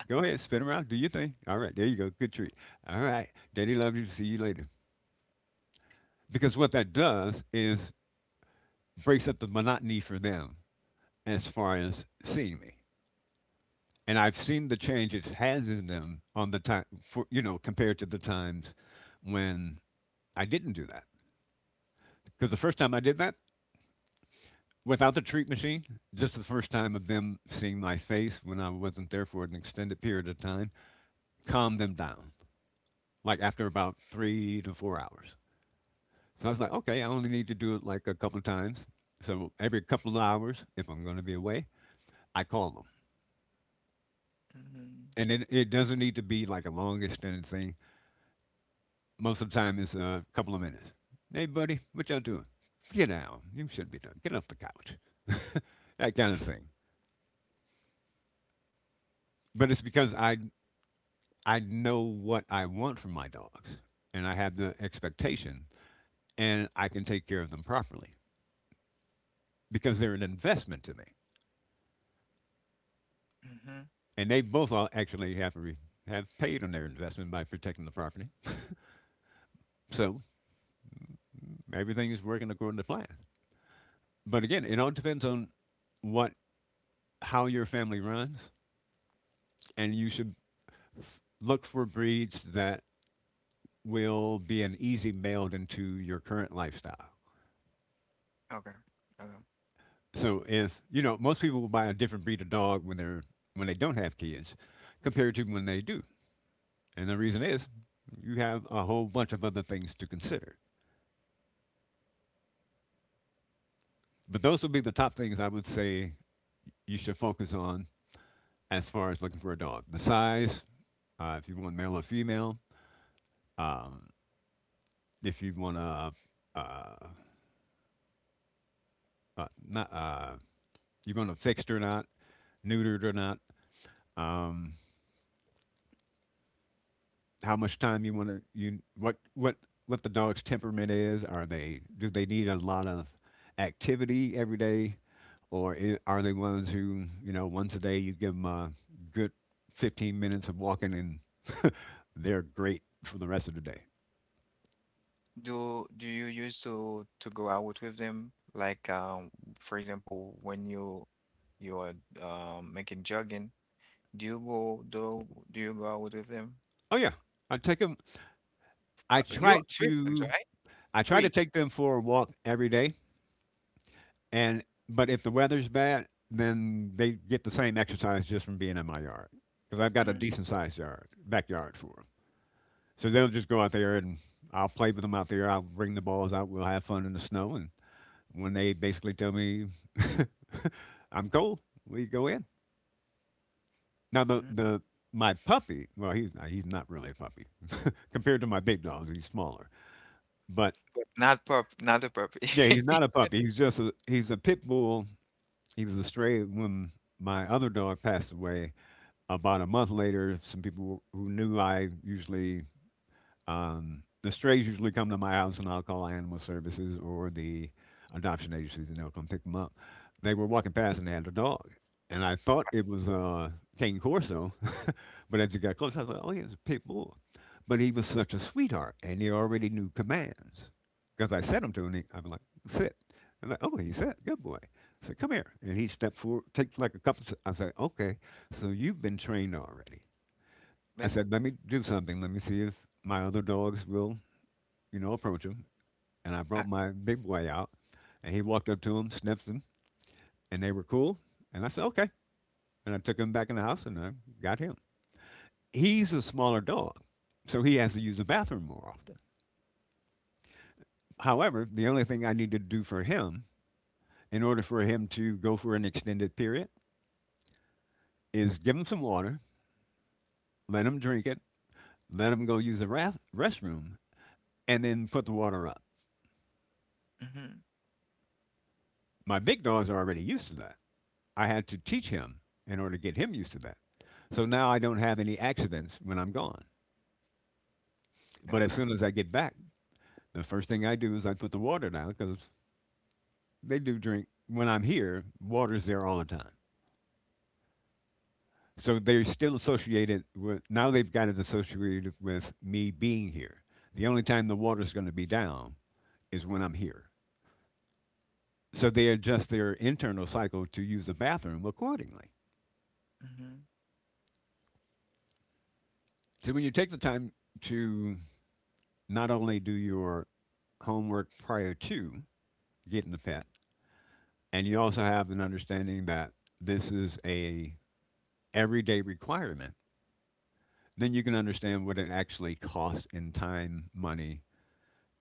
Go ahead, spin around, do your thing. All right, there you go, good treat. All right, daddy loves you, see you later. Because what that does is breaks up the monotony for them as far as seeing me. And I've seen the change it has in them on the time, for, you know, compared to the times when I didn't do that. Because the first time I did that without the treat machine, just the first time of them seeing my face when I wasn't there for an extended period of time, calmed them down. Like after about three to four hours. So I was like, okay, I only need to do it like a couple of times. So every couple of hours, if I'm going to be away, I call them.
Mm-hmm,
And it, it doesn't need to be like a long extended thing. Most of the time, it's a couple of minutes. Hey, buddy, what y'all doing? Get out. You should be done. Get off the couch. That kind of thing. But it's because I I know what I want from my dogs, and I have the expectation, and I can take care of them properly because they're an investment to me,
mm-hmm.
and they both all actually have re- have paid on their investment by protecting the property. So everything is working according to plan. But again, it all depends on what how your family runs, and you should f- look for breeds that will be an easy meld into your current lifestyle.
Okay. Okay.
So if you know, most people will buy a different breed of dog when they're when they don't have kids, compared to when they do. And the reason is, you have a whole bunch of other things to consider. But those would be the top things I would say you should focus on as far as looking for a dog: the size, uh, if you want male or female, if you want to, uh, uh, not, uh, you're going to fixed or not, neutered or not. Um, how much time you want to you what what what the dog's temperament is. Are they do they need a lot of activity every day, or i- are they ones who you know once a day you give them a good fifteen minutes of walking and they're great for the rest of the day.
Do do you used to to go out with them? Like um, for example, when you you are um making jogging, do you go do do you go out with them?
Oh yeah, I take them. I
Uh, you
try
are three dogs,
to
right?
I try to
three
take them for a walk every day. And but if the weather's bad, then they get the same exercise just from being in my yard because I've got a decent sized yard backyard for them. So they'll just go out there and I'll play with them out there. I'll bring the balls out. We'll have fun in the snow. And when they basically tell me I'm cold, we go in. Now the
Mm-hmm.
the my puppy, well, he's not, he's not really a puppy compared to my big dogs. He's smaller, but
But not pup, not a puppy.
yeah, he's not a puppy. He's just a he's a pit bull. He was a stray when my other dog passed away. About a month later, some people who knew I usually um, the strays usually come to my house, and I'll call animal services or the adoption agencies, and they'll come pick them up. They were walking past, and they had a dog, and I thought it was uh, Cane Corso, but as he got close, I was like, "Oh, yeah, it's a pit bull." But he was such a sweetheart, and he already knew commands because I said him to. And he, I'm like, "Sit." I'm like, "Oh, he sat. Good boy." I said, "Come here," and he stepped forward, takes like a couple. s- I said, "Okay, so you've been trained already." I
But
said, let me do something. Let me see if my other dogs will, you know, approach him. And I brought
I,
my big boy out, and he walked up to him, sniffed him, and they were cool. And I said, okay. And I took him back in the house, and I got him. He's a smaller dog, so he has to use the bathroom more often. However, the only thing I need to do for him, in order for him to go for an extended period, is give him some water, let him drink it, let him go use the rath- restroom, and then put the water up.
mhm,
My big dogs are already used to that. I had to teach him in order to get him used to that. So now I don't have any accidents when I'm gone. But
okay.
as soon as I get back, the first thing I do is I put the water down because they do drink when I'm here. Water's there all the time. So they're still associated with. Now they've got it associated with me being here. The only time the water's going to be down is when I'm here. So they adjust their internal cycle to use the bathroom accordingly.
hmm
So when you take the time to not only do your homework prior to getting the pet, and you also have an understanding that this is a everyday requirement, then you can understand what it actually costs in time, money,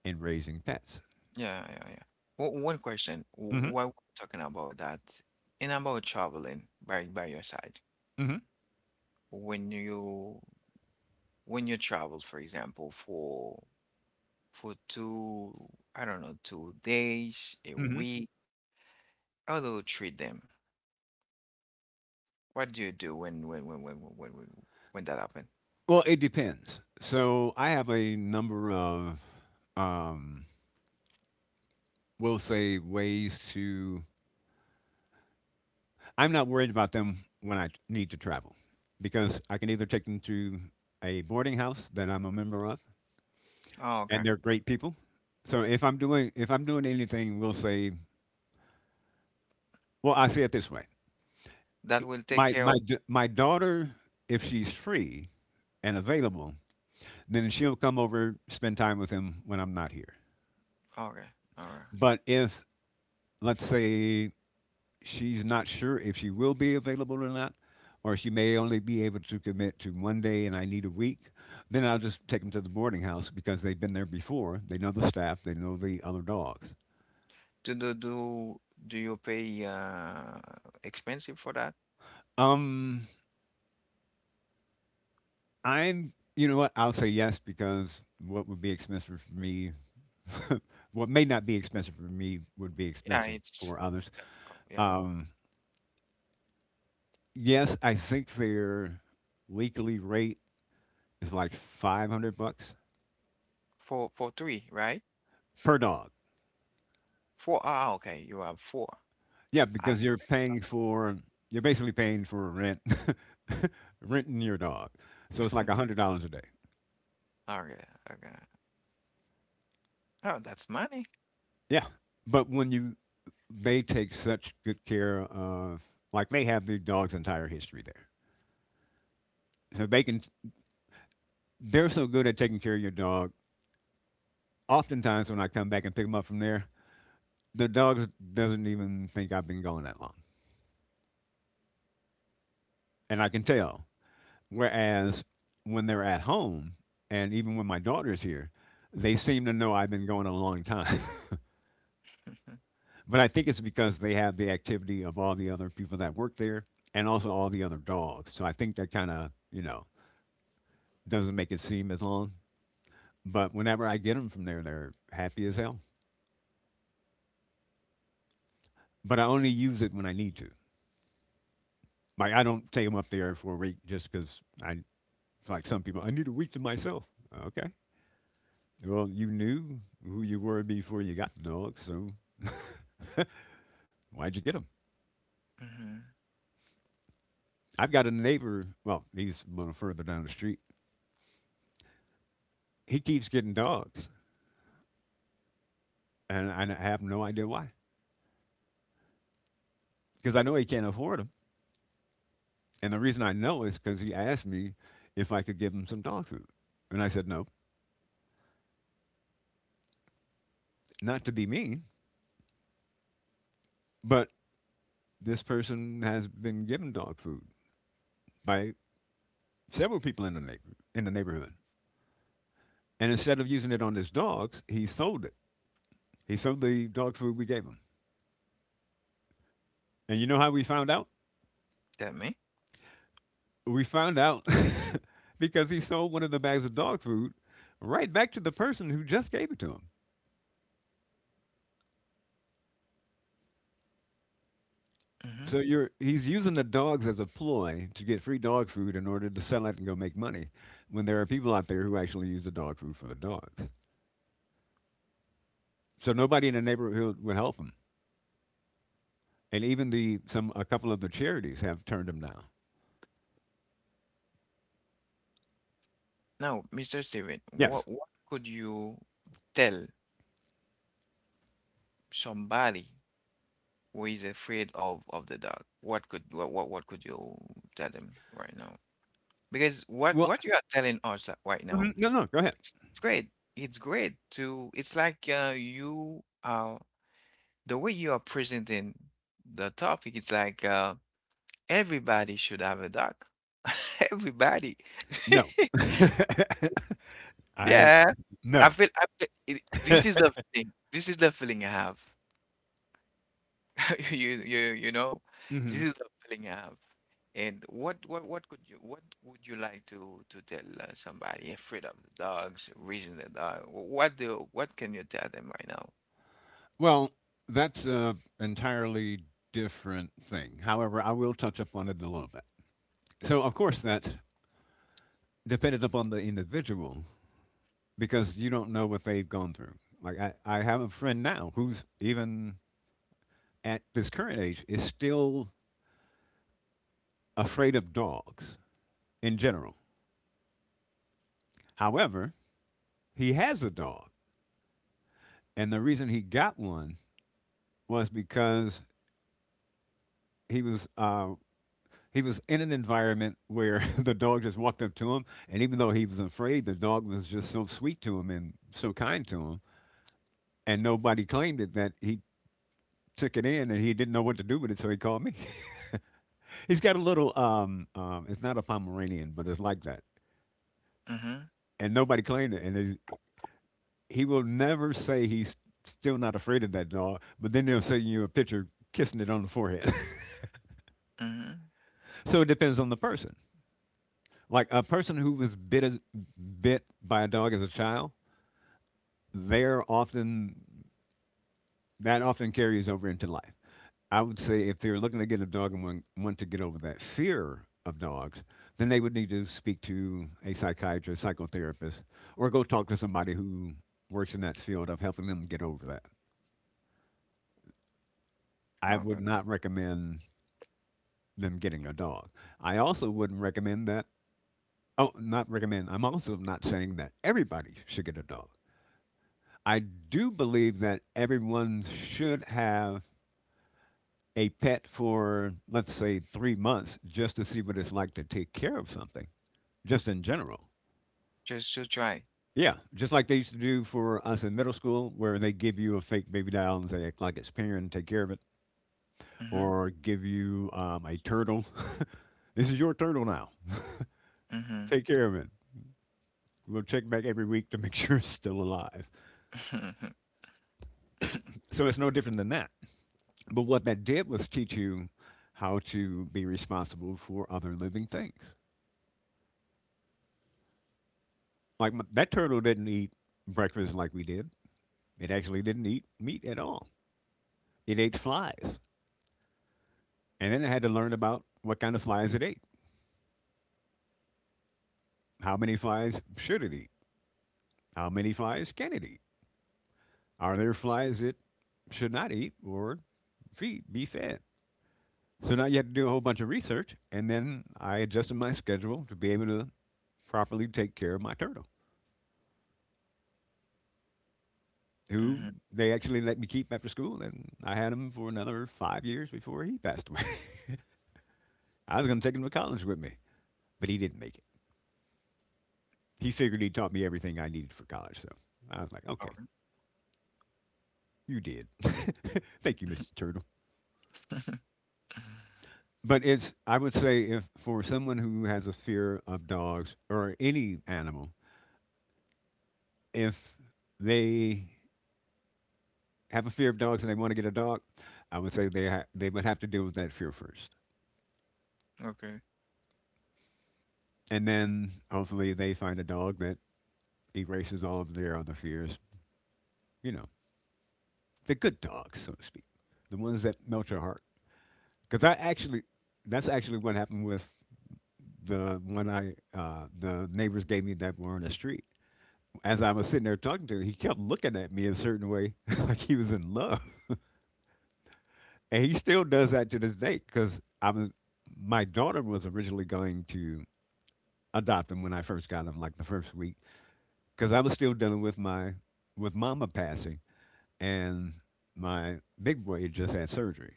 in raising pets.
Yeah, yeah, yeah. Well, one question. w-
Hmm.
While we're talking about that, and about traveling by by your side,
Hmm.
when you when you travel, for example, for for two, I don't know, two days, a
Hmm.
week? How do you treat them? What do you do when when when when when when, when that happen?
Well, it depends. So I have a number of, um, we'll say, ways to. I'm not worried about them when I need to travel because I can either take them to a boarding house that I'm a member of,
Oh, okay.
and they're great people. So if I'm doing if I'm doing anything, we'll say, well, I see it this way.
That will take
My
care
my
of.
d- my daughter, if she's free and available, then she'll come over spend time with him when I'm not here.
Okay, all right.
But if let's say she's not sure if she will be available or not, or she may only be able to commit to one day and I need a week, then I'll just take them to the boarding house because they've been there before. They know the staff, they know the other dogs.
Do do do do you pay uh expensive for that?
Um, I'm, you know what? I'll say yes because what would be expensive for me, what may not be expensive for me, would be
Yeah,
expensive
it's
for others.
oh, yeah
Um, yes, I think their weekly rate is like five hundred bucks
for for three, right?
per dog.
Four. Ah, okay. You have four.
Yeah,
Ah,
because you're paying for, you're basically paying for rent. Renting your dog. So it's like one hundred dollars a day.
okay okay. Oh, that's money.
Yeah. But when you, they take such good care of, like they have the dog's entire history there so they can, they're so good at taking care of your dog. Oftentimes, when I come back and pick them up from there, the dog doesn't even think I've been gone that long, and I can tell. Whereas when they're at home, and even when my daughter's here, they seem to know I've been going a long time. But I think it's because they have the activity of all the other people that work there, and also all the other dogs. So I think that kind of you know doesn't make it seem as long. But whenever I get them from there, they're happy as hell. But I only use it when I need to. Like I don't take them up there for a week just because I like some people. I need a week to myself. Okay. Well, you knew who you were before you got the dog, so why'd you get them?
hmm
I've got a neighbor. Well, he's a little further down the street. He keeps getting dogs, and I have no idea why. Because I know he can't afford them, and the reason I know is because he asked me if I could give him some dog food, and I said no, not to be mean, but this person has been given dog food by several people in the neighbor in the neighborhood. And instead of using it on his dogs, he sold it. He sold the dog food we gave him. And you know how we found out?
Tell me.
We found out because he sold one of the bags of dog food right back to the person who just gave it to him.
Mm-hmm.
So you're he's using the dogs as a ploy to get free dog food in order to sell it and go make money when there are people out there who actually use the dog food for the dogs. So nobody in the neighborhood would help him. And even the some a couple of the charities have turned him down.
Now, Mister Steven, what
Yes.
what could you tell somebody who is afraid of of the dark? What could what what, what could you tell them right now? Because what
Well,
what you are telling us li- right now,
mhm, no, no, go ahead.
it's, it's great. It's great to it's like uh, you are the way you are presenting the topic, it's like uh, everybody should have a dog. Everybody.
No. I
Yeah, I
no.
feel, I feel it, this is the thing. This is the feeling I have. You you you know, this
Mhm.
is the feeling I have. And what what what could you what would you like to to tell uh, somebody? Afraid of the dogs, reason the dog. wh- What do what can you tell them right now?
Well, that's a entirely different thing. However, I will touch upon it a little bit. So, of course, that's dependent upon the individual because you don't know what they've gone through. Like, I, I have a friend now who's even at this current age is still afraid of dogs in general. However, he has a dog. And the reason he got one was because he was uh, he was in an environment where the dog just walked up to him, and even though he was afraid, the dog was just so sweet to him and so kind to him, and nobody claimed it that he took it in and he didn't know what to do with it, so he called me. He's got a little um, um it's not a Pomeranian, but it's like that,
Mm-hmm.
and nobody claimed it, and he- he will never say he's still not afraid of that dog, but then they'll send you a picture kissing it on the forehead.
Mm-hmm.
So it depends on the person. Like a person who was bit as, bit by a dog as a child, they're often, that often carries over into life. I would say if they're looking to get a dog and want, want to get over that fear of dogs, then they would need to speak to a psychiatrist, psychotherapist, or go talk to somebody who works in that field of helping them get over that. I would
Okay.
not recommend them getting a dog. I also wouldn't recommend that. Oh, not recommend. I'm also not saying that everybody should get a dog. I do believe that everyone should have a pet for, let's say, three months just to see what it's like to take care of something, just in general.
Just to try.
Yeah, just like they used to do for us in middle school, where they give you a fake baby doll and say, act like it's parent and take care of it,
Mm-hmm.
or give you um, a turtle. This is your turtle now.
Mm-hmm.
Take care of it. We'll check back every week to make sure it's still alive. So it's no different than that. But what that did was teach you how to be responsible for other living things. Like m- that turtle didn't eat breakfast like we did. It actually didn't eat meat at all. It ate flies. And then it had to learn about what kind of flies it ate. How many flies should it eat? How many flies can it eat? Are there flies it should not eat or feed, be fed? So now you have to do a whole bunch of research. And then I adjusted my schedule to be able to properly take care of my turtle, who
Mm-hmm.
they actually let me keep after school. And I had him for another five years before he passed away. I was going to take him to college with me, but he didn't make it. He figured he taught me everything I needed for college, so I was like,
All
okay,
right.
you did. Thank you, mister Turtle. But it's, I would say if for someone who has a fear of dogs or any animal, if they have a fear of dogs and they want to get a dog, I would say they ha- they would have to deal with that fear first,
Okay.
and then hopefully they find a dog that erases all of their other fears. You know, the good dogs, so to speak, the ones that melt your heart. Because I actually, that's actually what happened with the one I uh, the neighbors gave me that were on the street. As I was sitting there talking to him, he kept looking at me a certain way, like he was in love, and he still does that to this day. Because I was, my daughter was originally going to adopt him when I first got him, like the first week, because I was still dealing with my with mama passing, and my big boy had just had surgery.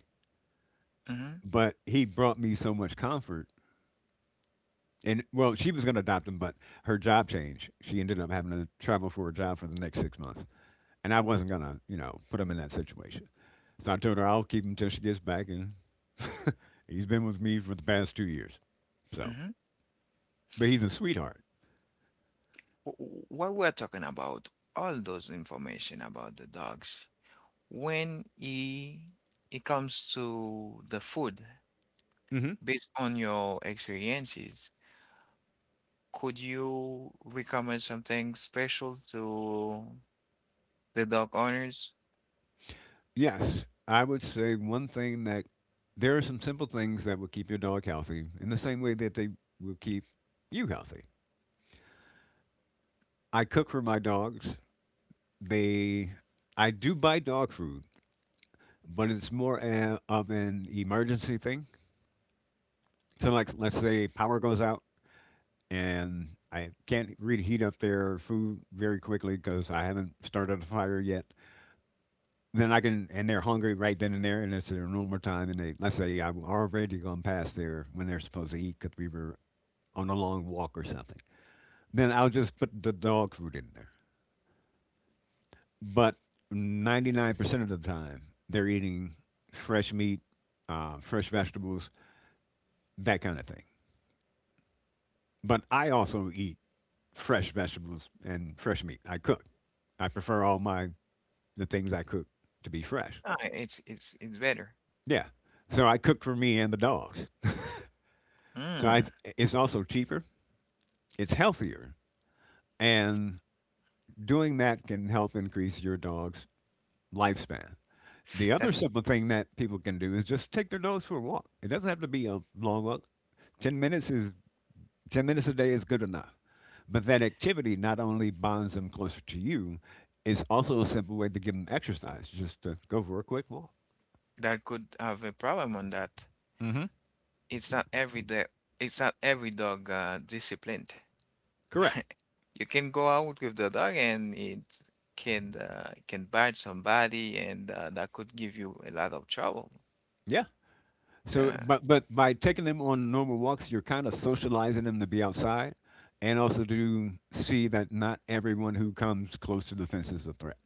Mm-hmm.
But he brought me so much comfort and, well, she was going to adopt him, but her job changed. She ended up having to travel for a job for the next six months, and I wasn't going to, you know, put him in that situation. So I told her I'll keep him till she gets back, and he's been with me for the past two years. So,
Mm-hmm.
but he's a sweetheart.
What we're talking about, all those information about the dogs. When i- it comes to the food,
Hmm.
based on your experiences, could you recommend something special to the dog owners?
Yes, I would say one thing that there are some simple things that will keep your dog healthy in the same way that they will keep you healthy. I cook for my dogs. They, I do buy dog food but it's more a, of an emergency thing. So, like, let's say power goes out and I can't really heat up their food very quickly because I haven't started a fire yet. Then I can, and they're hungry right then and there, and it's their normal time. And they, let's say, I've already gone past there when they're supposed to eat because we were on a long walk or something. Then I'll just put the dog food in there. But ninety-nine percent of the time, they're eating fresh meat, uh, fresh vegetables, that kind of thing. But I also eat fresh vegetables and fresh meat. I cook. I prefer all my the things I cook to be fresh.
Ah, it's it's it's better.
Yeah. So I cook for me and the dogs. So I
Mm,
it's also cheaper. It's healthier, and doing that can help increase your dog's lifespan. The other
that's
simple thing that people can do is just take their dogs for a walk. It doesn't have to be a long walk. Ten minutes is ten minutes a day is good enough. But that activity not only bonds them closer to you, it's also a simple way to give them exercise, just to go for a quick walk.
that could have a problem on that.
Mm-hmm.
It's not every day. It's not every dog uh, disciplined.
Correct.
You can go out with the dog and it can uh, can bite somebody, and uh, that could give you a lot of trouble.
Yeah. So,
Yeah.
but but by taking them on normal walks, you're kind of socializing them to be outside, and also to see that not everyone who comes close to the fence is a threat.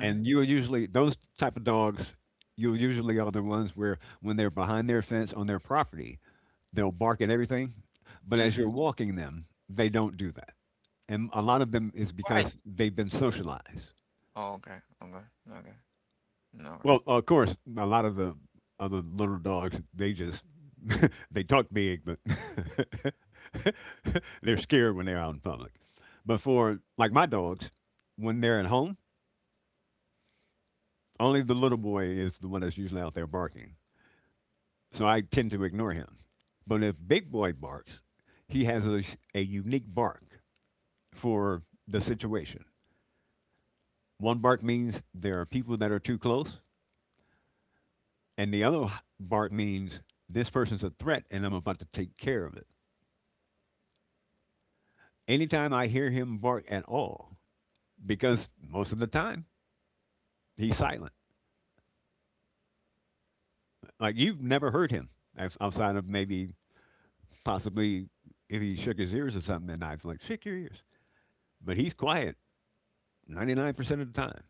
And you are usually those type of dogs. You usually are the ones where when they're behind their fence on their property, they'll bark at everything, but as you're
mhm.
walking them they don't do that. And a lot of them is
Right.
because they've been socialized.
Oh, okay, okay, okay, okay. Alright.
Well, of course, a lot of the other little dogs, they just they talk big, but they're scared when they're out in public. But for like my dogs, when they're at home, only the little boy is the one that's usually out there barking. So I tend to ignore him. But if Big Boy barks, he has a, a unique bark for the situation. One bark means there are people that are too close, and the other bark means this person's a threat and I'm about to take care of it. Anytime I hear him bark at all, because most of the time he's silent. Like, you've never heard him outside of maybe possibly if he shook his ears or something, and I was like, shake your ears. But he's quiet ninety-nine percent of the time.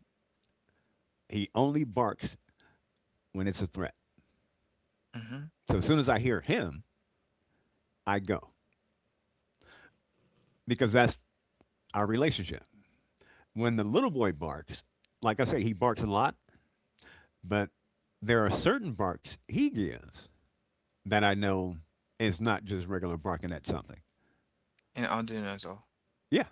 He only barks when it's a threat.
Mhm,
So as soon as I hear him, I go, because that's our relationship. When the little boy barks, like I say, he barks a lot, but there are certain barks he gives that I know is not just regular barking at something.
and Arduino as well.
Yeah,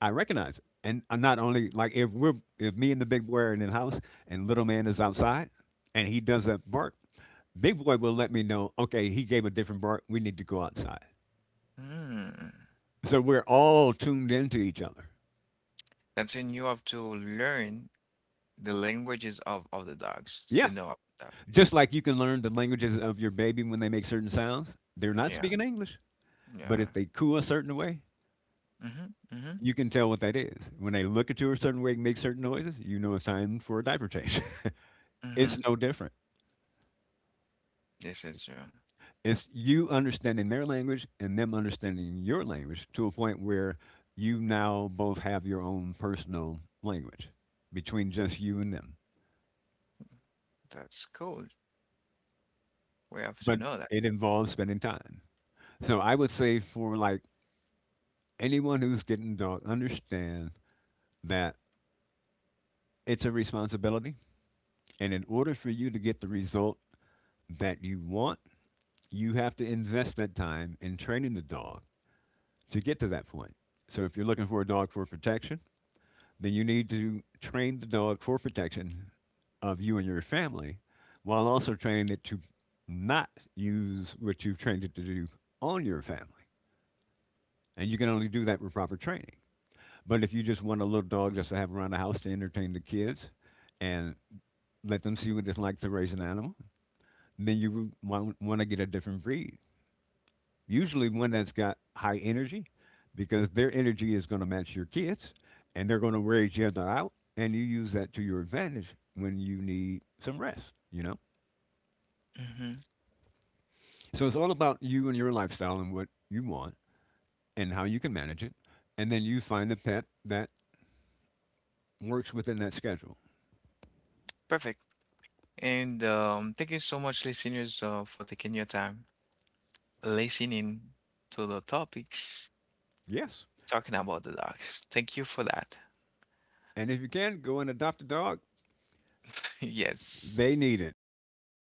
I recognize it. And uh, not only like if we're if me and the big boy are in the house and little man is outside and he does a bark, big boy will let me know. Okay, he gave a different bark. We need to go outside.
Hmm.
So we're all tuned into each other.
That's in you have to learn the languages of of the dogs
Yeah.
to know about that.
Just like you can learn the languages of your baby, when they make certain sounds, they're not
Yeah,
speaking English, but
yeah.
if they coo a certain way,
Mhm, mhm,
you can tell what that is. When they look at you a certain way and make certain noises, you know it's time for a diaper change. It's
mhm.
no different.
This is true.
It's you understanding their language and them understanding your language to a point where you now both have your own personal language between just you and them.
That's cool. We have to
But
know that.
it involves spending time. So I would say for like anyone who's getting dark, understand that it's a responsibility, and in order for you to get the result that you want, you have to invest that time in training the dog to get to that point. So if you're looking for a dog for protection, then you need to train the dog for protection of you and your family, while also training it to not use what you've trained it to do on your family. And you can only do that with proper training. But if you just want a little dog just to have around the house to entertain the kids and let them see what it's like to raise an animal, then you want, want to get a different breed. Usually one that's got high energy, because their energy is going to match your kids and they're going to wear each other out. And you use that to your advantage when you need some rest, you know?
Mhm.
So it's all about you and your lifestyle and what you want and how you can manage it. And then you find a pet that works within that schedule.
Perfect. And um, thank you so much, listeners, uh, for taking your time listening to the topics
Yes.
talking about the dogs. Thank you for that.
And if you can, go and adopt a dog.
Yes.
They need it.